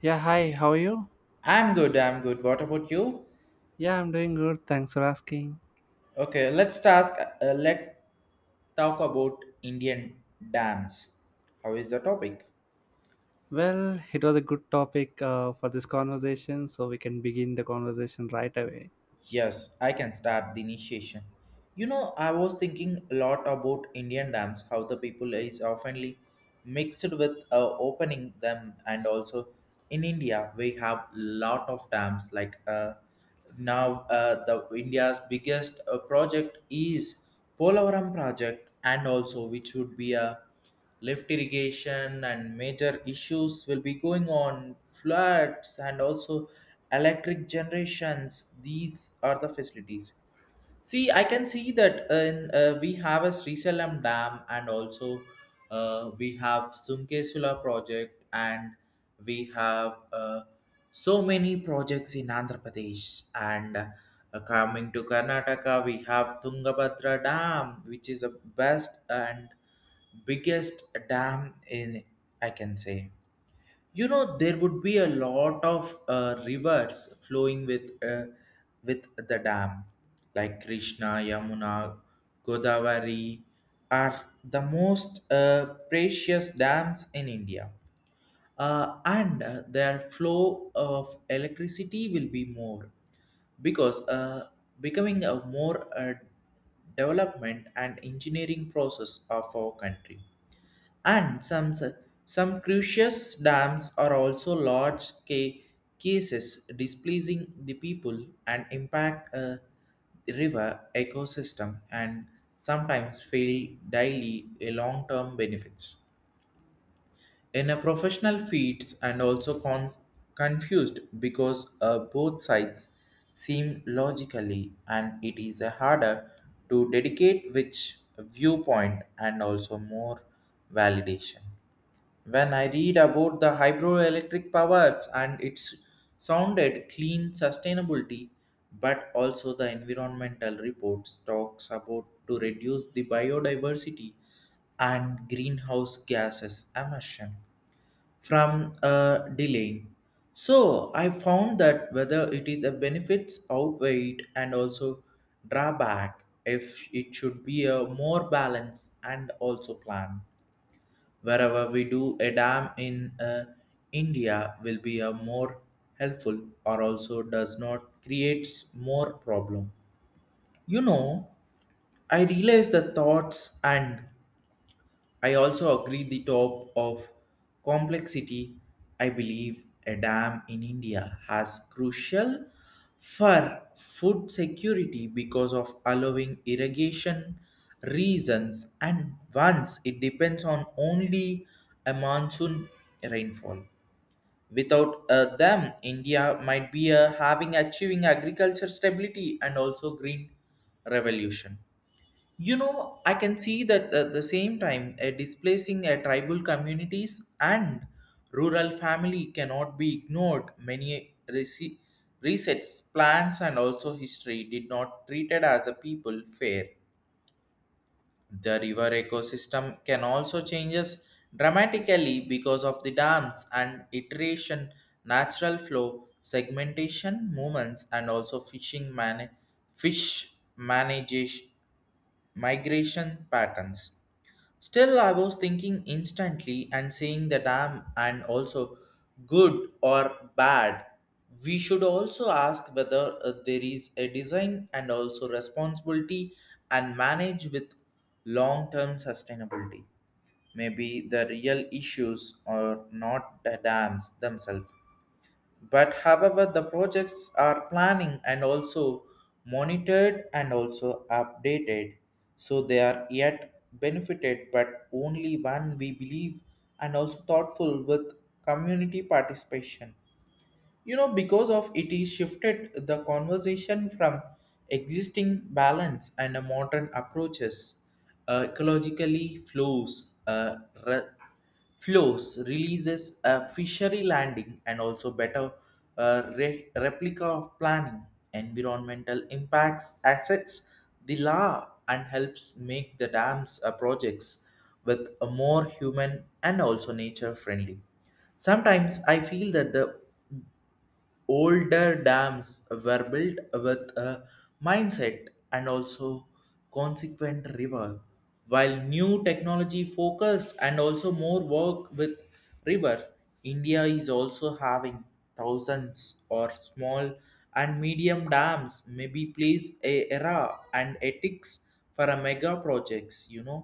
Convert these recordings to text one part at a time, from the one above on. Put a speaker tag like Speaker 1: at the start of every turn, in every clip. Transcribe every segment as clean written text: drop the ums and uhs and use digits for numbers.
Speaker 1: Yeah, hi, how are you?
Speaker 2: I'm good. I'm good. What about you?
Speaker 1: Yeah, I'm doing good. Thanks for asking.
Speaker 2: Okay, let's task. Let talk about Indian dams. How is the topic?
Speaker 1: Well, it was a good topic for this conversation, so we can begin the conversation right away.
Speaker 2: Yes, I can start the initiation. You know, I was thinking a lot about Indian dams. How the people is oftenly mixed with opening them, and also in india we have lot of dams like now the india's biggest project is polavaram project, and also which would be a lift irrigation, and major issues will be going on floods and also electric generations. These are the facilities. See, I can see that we have a Sri Salam Dam and also we have Sumkesula project, and we have so many projects in Andhra Pradesh, and coming to Karnataka we have Tungabhadra Dam, which is the best and biggest dam in, I can say, you know, there would be a lot of rivers flowing with with the dam, like krishna, yamuna, godavari, are the most precious dams in india. And their flow of electricity will be more, because becoming a more development and engineering process of our country. And some crucious dams are also large cases displeasing the people and impact a river ecosystem, and sometimes fail daily a long-term benefits in a professional feats, and also confused because both sides seem logically, and it is harder to dedicate which viewpoint and also more validation. When I read about the hydroelectric powers and its sounded clean sustainability, but also the environmental reports talks about to reduce the biodiversity and greenhouse gases emission from a delay. So I found that whether it is a benefits outweighed and also drawback if it should be a more balance and also plan. Wherever we do, a dam in India will be a more helpful, or also does not creates more problem. You know, I realize the thoughts, and I also agree the top of complexity. I believe a dam in India has crucial for food security because of allowing irrigation reasons, and once it depends on only a monsoon rainfall. Without them, India might be having achieving agriculture stability and also green revolution. You know, I can see that at the same time, displacing tribal communities and rural family cannot be ignored. Many resets, plans, and also history did not treated as a people fair. The river ecosystem can also changes dramatically because of the dams and iteration, natural flow, segmentation movements, and also fish manage migration patterns. Still, I was thinking instantly and saying that I'm and also good or bad. We should also ask whether there is a design and also responsibility, and manage with long term sustainability. Maybe the real issues are not the dams themselves, but however the projects are planning and also monitored and also updated, so they are yet benefited but only when we believe and also thoughtful with community participation. You know, because of it is shifted the conversation from existing balance and a modern approaches, ecologically flows, re- flows releases a fishery landing, and also better replica of planning, environmental impacts, assets, the law, and helps make the dams projects with a more human and also nature friendly. Sometimes I feel that the older dams were built with a mindset and also consequent river, while new technology focused and also more work with river. India is also having thousands or small and medium dams, may be placed a era and ethics for a mega projects, you know.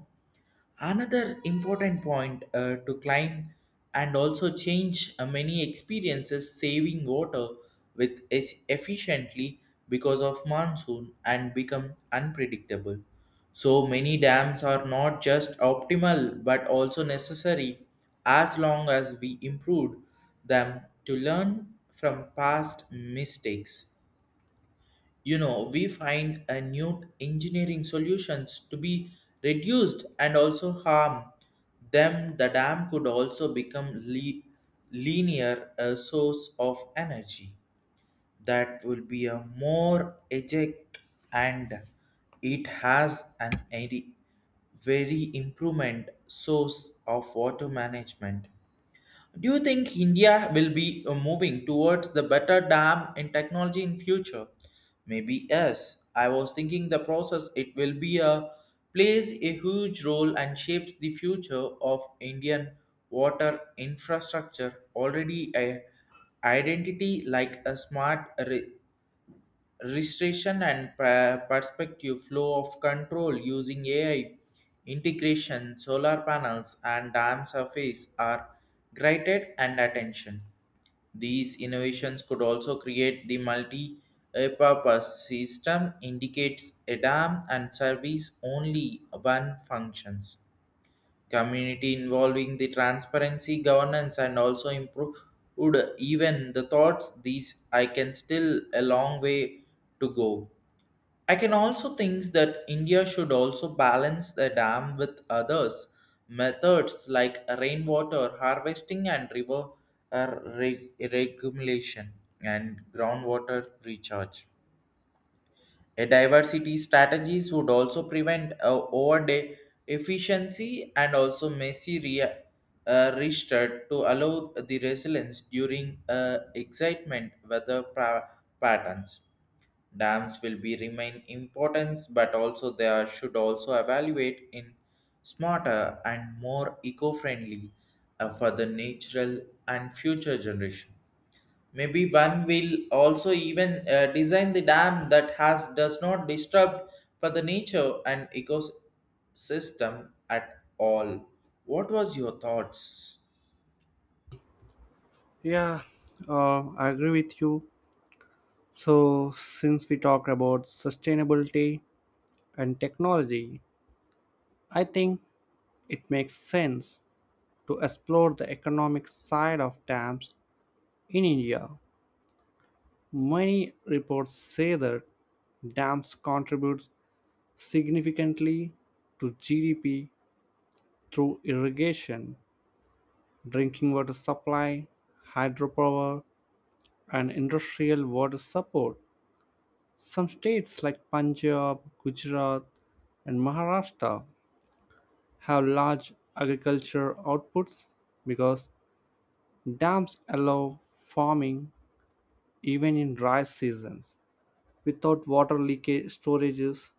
Speaker 2: Another important point to climb and also change many experiences saving water with efficiently because of monsoon and become unpredictable. So many dams are not just optimal but also necessary, as long as we improved them to learn from past mistakes. You know, we find a new engineering solutions to be reduced and also harm them. The dam could also become linear a source of energy that will be a more eject, and it has an very very improvement source of water management. Do you think India will be moving towards the better dam in technology in future? Maybe yes. I was thinking the process, it will be a plays a huge role and shapes the future of Indian water infrastructure. Already a identity like a smart restoration and perspective flow of control using AI integration, solar panels, and dam surface are granted and attention. These innovations could also create the multi-purpose system indicates a dam and service only one functions, community involving the transparency governance and also improve would even the thoughts. These I can still a long way to go. I can also think that india should also balance the dam with others methods like rainwater harvesting and river regulation and groundwater recharge. A diversity strategies would also prevent overday efficiency, and also messy restart to allow the resilience during excitement weather patterns. Dams will be remain importance, but also they should also evaluate in smarter and more eco-friendly for the natural and future generation. Maybe one will also even design the dam that has does not disturb for the nature and ecosystem at all. What was your thoughts?
Speaker 1: Yeah, I agree with you. So, since we talk about sustainability and technology, I think it makes sense to explore the economic side of dams in India. Many reports say that dams contributes significantly to GDP through irrigation, drinking water supply, hydropower, and industrial water support. Some states like Punjab, Gujarat, and Maharashtra have large agriculture outputs because dams allow farming even in dry seasons. Without water leakage storages,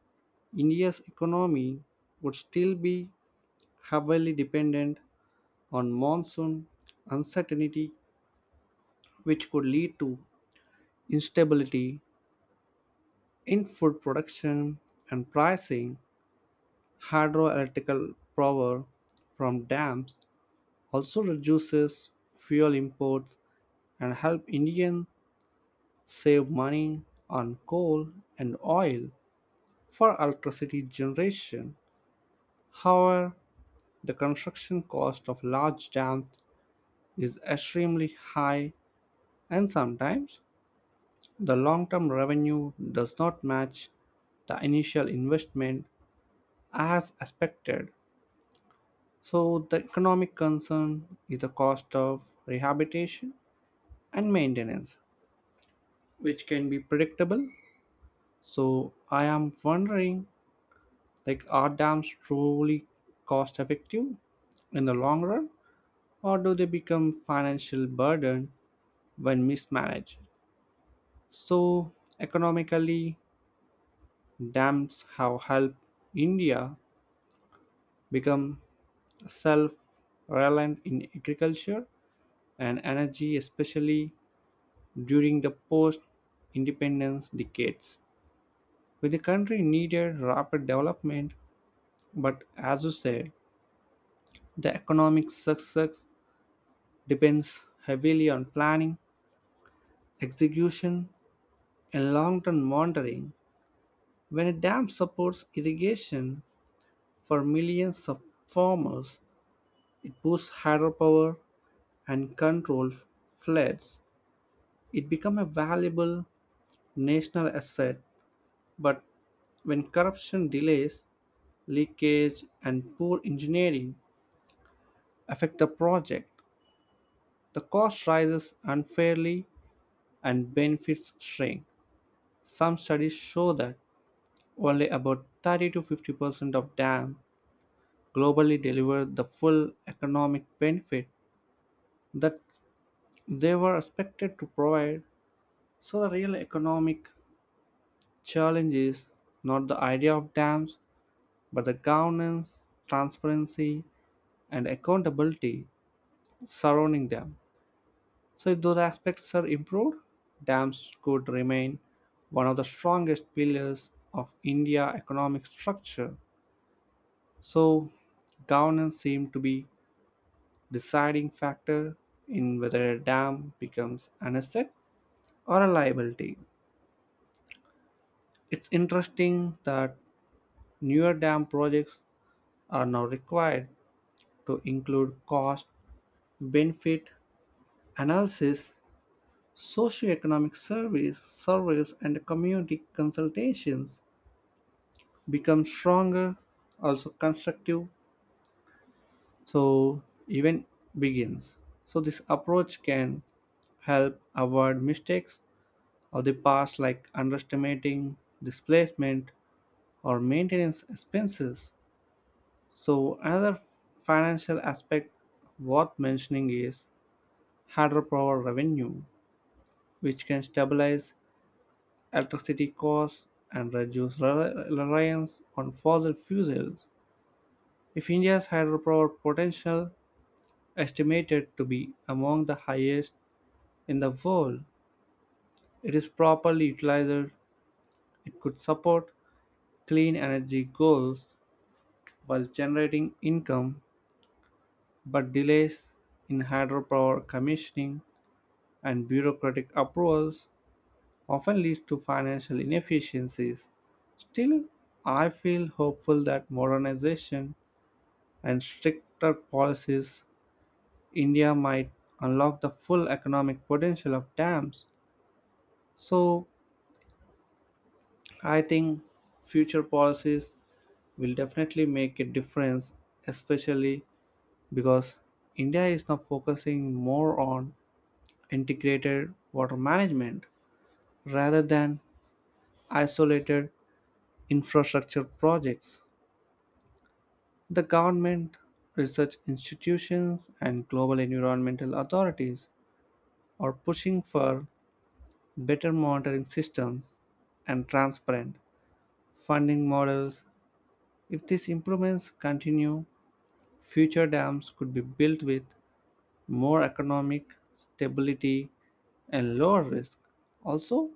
Speaker 1: India's economy would still be heavily dependent on monsoon uncertainty, which could lead to instability in food production and pricing. Hydroelectric power from dams also reduces fuel imports and help Indians save money on coal and oil for electricity generation. However, the construction cost of large dams is extremely high and sometimes the long-term revenue does not match the initial investment as expected. So, the economic concern is the cost of rehabilitation and maintenance, which can be predictable. So, I am wondering, like, are dams truly cost effective in the long run, or do they become financial burden when mismanaged? So, economically, dams have helped India become self reliant in agriculture and energy, especially during the post independence decades, when the country needed rapid development. But as you said, the economic success depends heavily on planning, execution, and long term monitoring. When a dam supports irrigation for millions of farmers, it boosts hydropower and controls floods. It becomes a valuable national asset. But when corruption delays, leakage, and poor engineering affect the project, the cost rises unfairly and benefits shrink. Some studies show that only about 30 to 50% of dams globally deliver the full economic benefit that they were expected to provide. So, the real economic challenge is not the idea of dams, but the governance, transparency, and accountability surrounding them. So, if those aspects are improved, dams could remain one of the strongest pillars of India economic structure. So, governance seems to be deciding factor in whether a dam becomes an asset or a liability. It's interesting that newer dam projects are now required to include cost benefit analysis. Socioeconomic surveys, and community consultations become stronger, also constructive. So event begins. So this approach can help avoid mistakes of the past, like underestimating displacement or maintenance expenses. So another financial aspect worth mentioning is hydropower revenue, which can stabilize electricity costs and reduce reliance on fossil fuels. If India's hydropower potential, estimated to be among the highest in the world, it is properly utilized, it could support clean energy goals while generating income, but delays in hydropower commissioning and bureaucratic approvals often lead to financial inefficiencies. Still, I feel hopeful that modernization and stricter policies, India might unlock the full economic potential of dams. So, I think future policies will definitely make a difference, especially because India is now focusing more on integrated water management rather than isolated infrastructure projects. The government, research institutions, and global environmental authorities are pushing for better monitoring systems, and transparent funding models. If these improvements continue, future dams could be built with more economic stability and lower risk. Also,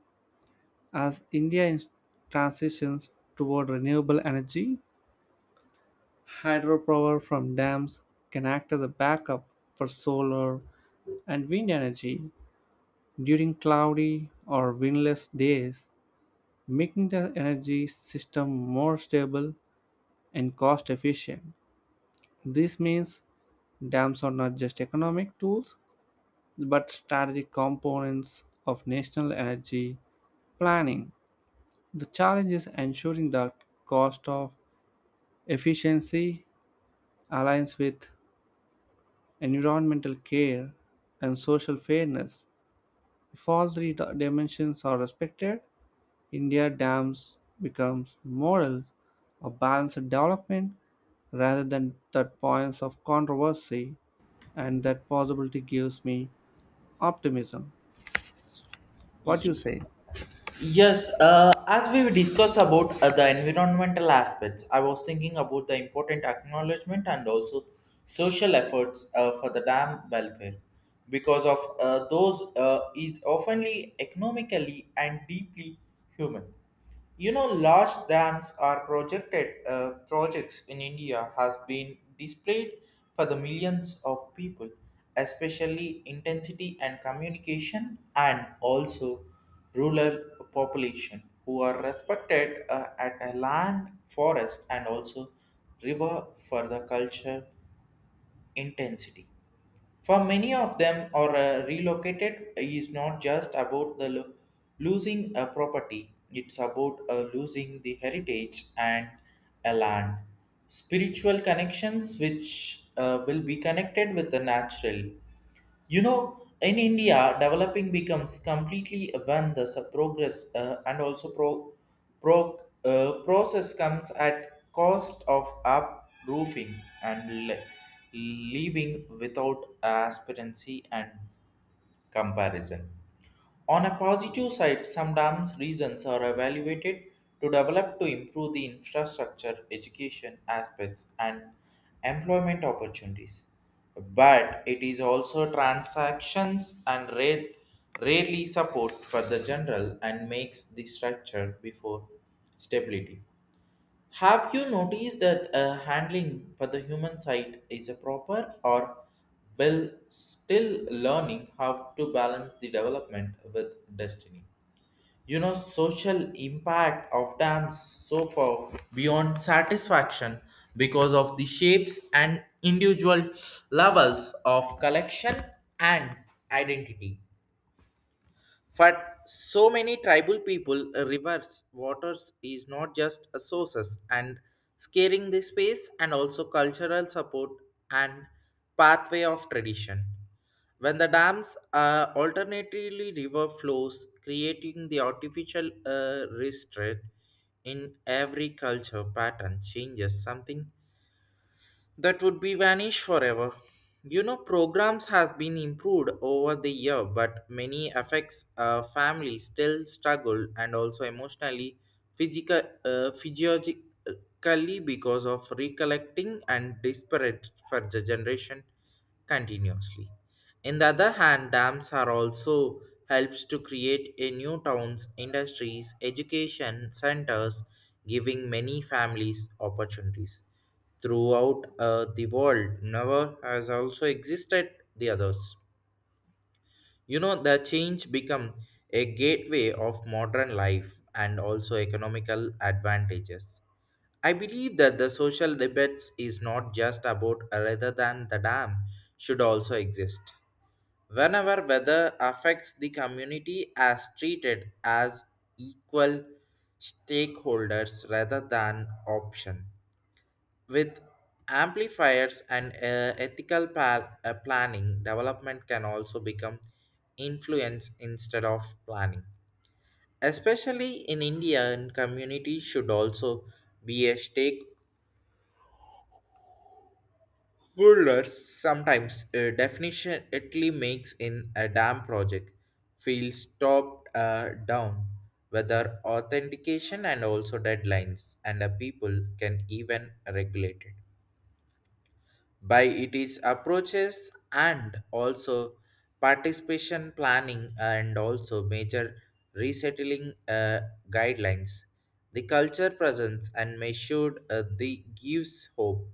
Speaker 1: as India transitions toward renewable energy, hydropower from dams can act as a backup for solar and wind energy during cloudy or windless days, making the energy system more stable and cost efficient. This means dams are not just economic tools but strategic components of national energy planning. The challenge is ensuring that cost of efficiency aligns with environmental care and social fairness. If all three dimensions are respected, India dams becomes model of balanced development rather than the points of controversy, and that possibility gives me optimism. What do you
Speaker 2: Ye-
Speaker 1: say?
Speaker 2: Yes, as we discussed about the environmental aspects, I was thinking about the important acknowledgement, and also social efforts for the dam welfare, because of those is oftenly economically and deeply human. You know, large dams are projected projects in India has been displayed for the millions of people, especially intensity and communication, and also rural population who are respected at a land, forest, and also river for the culture intensity. For many of them, or relocated is not just about the losing a property; it's about losing the heritage and a land. Spiritual connections, which will be connected with the natural. You know, in India, developing becomes completely when the progress and also process comes at cost of uproofing and leaving without aspirancy and comparison. On a positive side, some dams reasons are evaluated to develop to improve the infrastructure, education aspects, and employment opportunities. But it is also transactions and rarely support for the general, and makes the structure before stability. Have you noticed that handling for the human side is a proper, or well still learning how to balance the development with destiny? You know, social impact of dams so far beyond satisfaction, because of the shapes and individual levels of collection and identity. For so many tribal people, rivers, waters is not just a sources and scaring the space, and also cultural support, and pathway of tradition. When the dams are alternatively river flows, creating the artificial restraint in every culture pattern changes something that would be vanished forever. You know, programs has been improved over the year, but many affects family still struggle, and also emotionally, physiologically because of recollecting and disparate for the generation continuously. In the other hand, dams are also helps to create a new towns, industries, education centers, giving many families opportunities throughout the world never has also existed the others. You know, the change become a gateway of modern life and also economical advantages. I believe that the social debates is not just about rather than the dam should also exist whenever weather affects the community as treated as equal stakeholders rather than option. With amplifiers and ethical planning, development can also become influence instead of planning. Especially in India, and community should also be a stakeholders. Sometimes definition Italy makes in a dam project feels stopped down. Whether authentication and also deadlines, and the people can even regulate it by its approaches and also participation planning and also major resettling guidelines. The culture presence and measured the gives hope.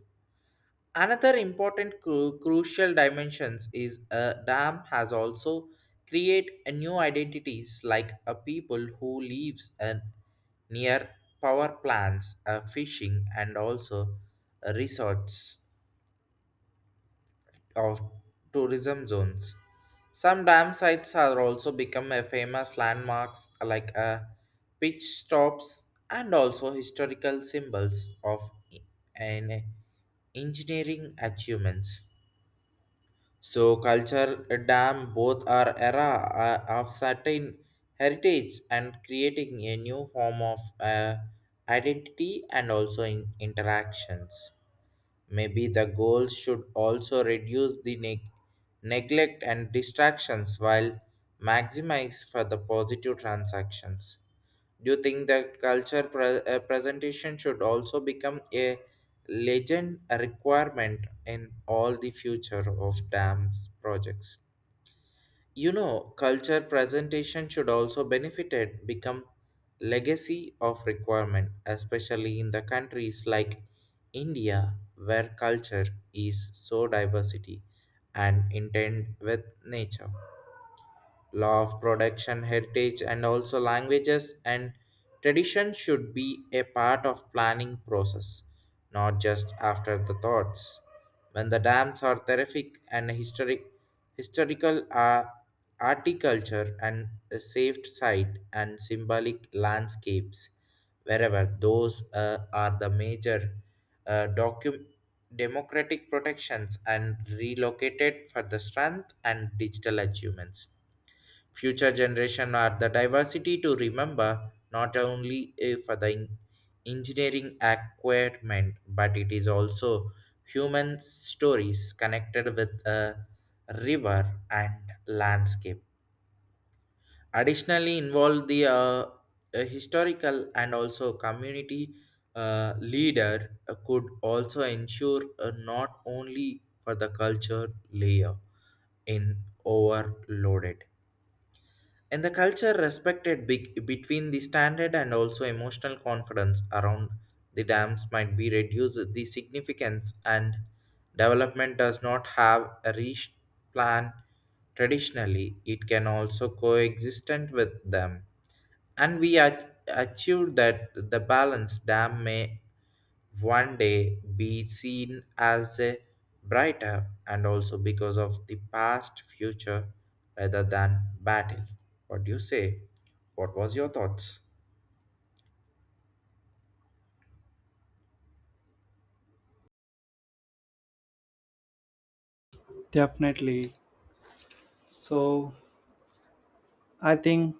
Speaker 2: Another important crucial dimensions is a dam has also create a new identities like a people who lives a near power plants, fishing, and also resorts of tourism zones. Some dam sites are also become a famous landmarks like pitch stops and also historical symbols of an engineering achievements. So culture dam both are era of certain heritage, and creating a new form of identity and also in interactions. Maybe the goal should also reduce the neglect and distractions, while maximize for the positive transactions. Do you think that culture presentation should also become a legend a requirement in all the future of dams projects? You know, culture presentation should also benefited become legacy of requirement, especially in the countries like India, where culture is so diversity and intent with nature law of production. Heritage, and also languages and tradition should be a part of planning process, not just after the thoughts. When the dams are terrific and historic, historical are articulture and a saved site and symbolic landscapes, wherever those are the major uh, docu- democratic protections and relocated for the strength and digital achievements. Future generation are the diversity to remember not only engineering acquirement, but it is also human stories connected with a river and landscape. Additionally, involve the a historical and also community leader could also ensure not only for the culture layer in overloaded, and the culture respected big, between the standard and also emotional confidence around the dams might be reduced the significance, and development does not have a rich plan traditionally, it can also coexist with them. And we achieved that the balance dam may one day be seen as a brighter, and also because of the past future rather than battle. What do you say? What was your thoughts?
Speaker 1: Definitely. So, I think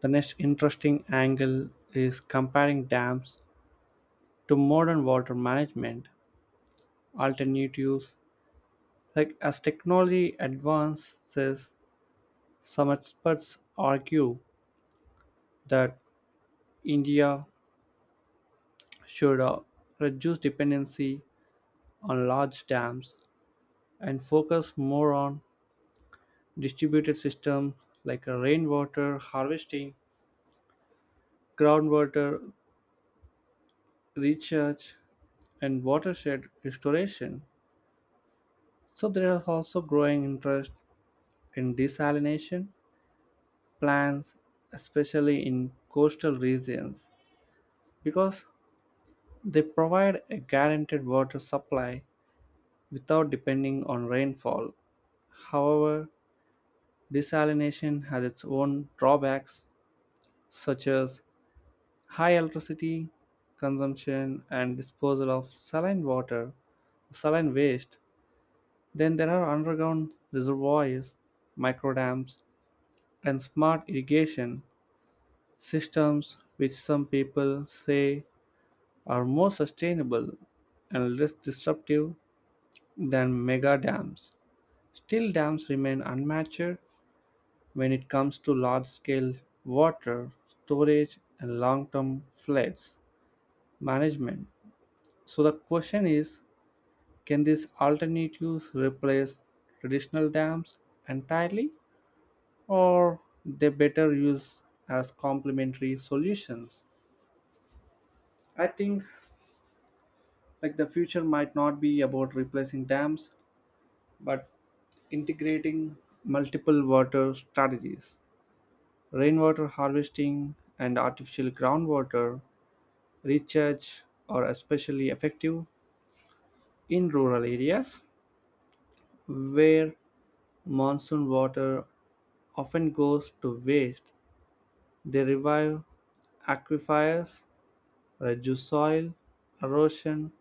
Speaker 1: the next interesting angle is comparing dams to modern water management alternatives. Like, as technology advances, some experts argue that India should reduce dependency on large dams and focus more on distributed system like a rainwater harvesting, groundwater recharge, and watershed restoration. So there is also growing interest in desalination plants, especially in coastal regions, because they provide a guaranteed water supply without depending on rainfall. However, desalination has its own drawbacks, such as high electricity consumption and disposal of saline waste. Then there are underground reservoirs, microdams, and smart irrigation systems, which some people say are more sustainable and less disruptive than mega dams. Still, dams remain unmatched when it comes to large scale water storage and long term floods management. So, the question is, can these alternatives replace traditional dams entirely, or they better used as complementary solutions? I think, like, the future might not be about replacing dams, but integrating multiple water strategies. Rainwater harvesting and artificial groundwater recharge are especially effective in rural areas where monsoon water often goes to waste. They revive aquifers, reduce soil erosion,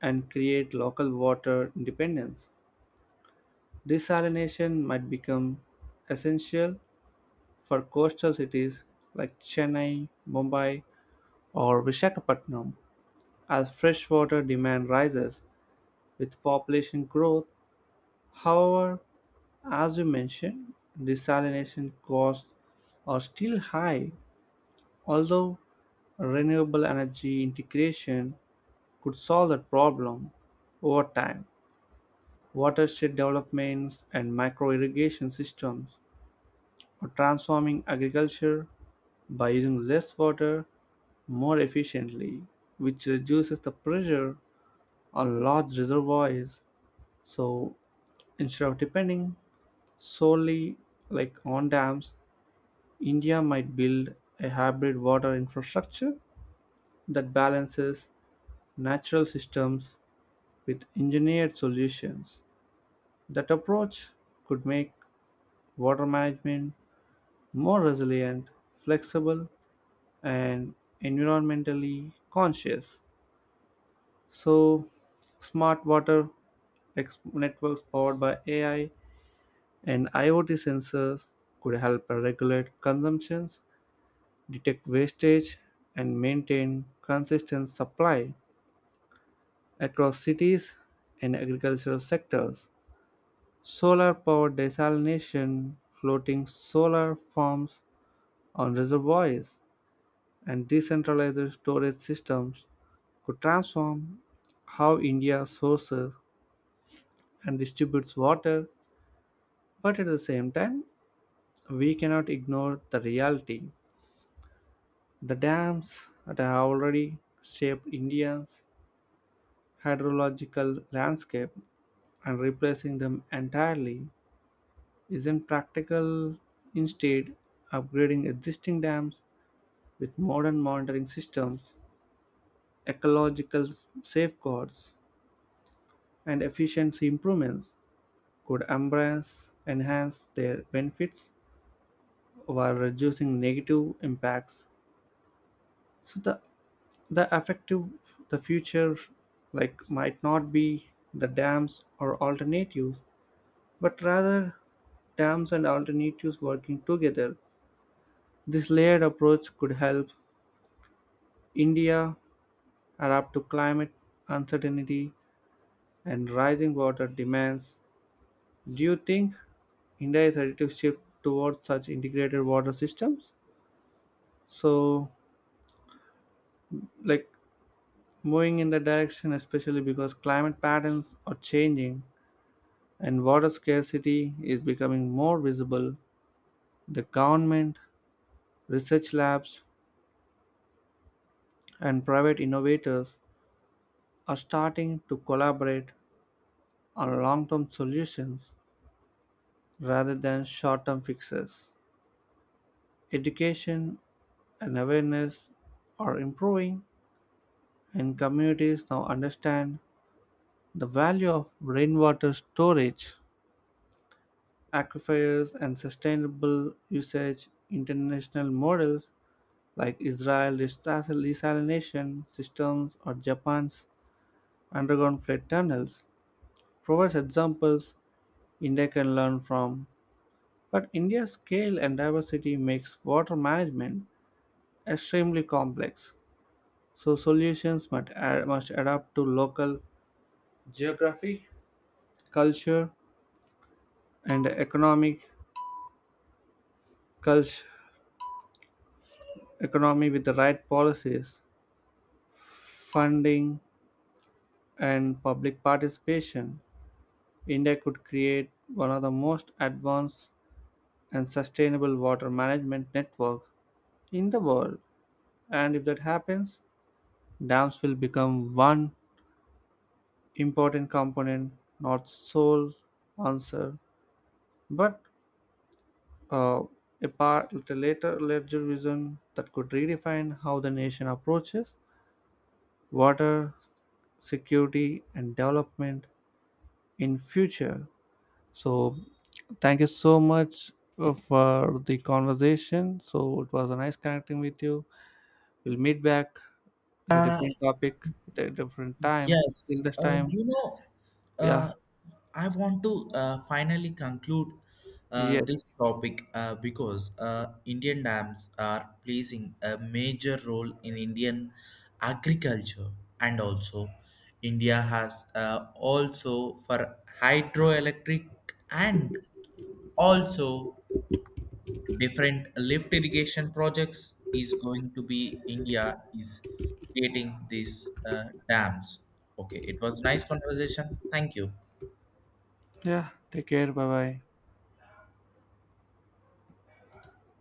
Speaker 1: and create local water independence. Desalination might become essential for coastal cities like Chennai, Mumbai, or Vishakhapatnam as freshwater demand rises with population growth. However, as we mentioned, desalination costs are still high, although renewable energy integration could solve that problem over time. Watershed developments and micro irrigation systems are transforming agriculture by using less water more efficiently, which reduces the pressure on large reservoirs. So instead of depending solely, like, on dams, India might build a hybrid water infrastructure that balances natural systems with engineered solutions. That approach could make water management more resilient, flexible, and environmentally conscious. So, smart water networks powered by AI and IoT sensors could help regulate consumptions, detect wastage, and maintain consistent supply across cities and agricultural sectors. Solar powered desalination, floating solar farms, on reservoirs, and decentralized storage systems could transform how India sources and distributes water. But at the same time, we cannot ignore the reality. The dams that have already shaped India's hydrological landscape and replacing them entirely isn't practical. Instead, upgrading existing dams with modern monitoring systems, ecological safeguards, and efficiency improvements could embrace enhance their benefits while reducing negative impacts. So the effective, the future, like, might not be the dams or alternatives, but rather dams and alternatives working together. This layered approach could help India adapt to climate uncertainty and rising water demands. Do you think India is ready to shift towards such integrated water systems? So, like, moving in that direction, especially because climate patterns are changing and water scarcity is becoming more visible, the government, research labs, and private innovators are starting to collaborate on long term solutions rather than short term fixes. Education and awareness are improving, and communities now understand the value of rainwater storage, aquifers, and sustainable usage. International models like Israel's desalination systems or Japan's underground flood tunnels, provides examples India can learn from. But India's scale and diversity makes water management extremely complex, so solutions must adapt to local geography, culture, and economic culture economy. With the right policies, funding, and public participation, India could create one of the most advanced and sustainable water management networks in the world. And if that happens, dams will become one important component, not sole answer, but uh, a part with a later larger vision that could redefine how the nation approaches water security and development in future. So thank you so much for the conversation. So it was a nice connecting with you. We'll meet back with a
Speaker 2: Uh,
Speaker 1: different topic at a different time. Till
Speaker 2: Yes,
Speaker 1: this time,
Speaker 2: you know,
Speaker 1: yeah.
Speaker 2: uh, I want to finally conclude this
Speaker 1: Yes.
Speaker 2: topic, because Indian dams are placing a major role in Indian agriculture, and also India has also for hydroelectric, and also different lift irrigation projects is going to be India is creating these dams. Okay, it was nice conversation. Thank you.
Speaker 1: Yeah, take care. Bye bye.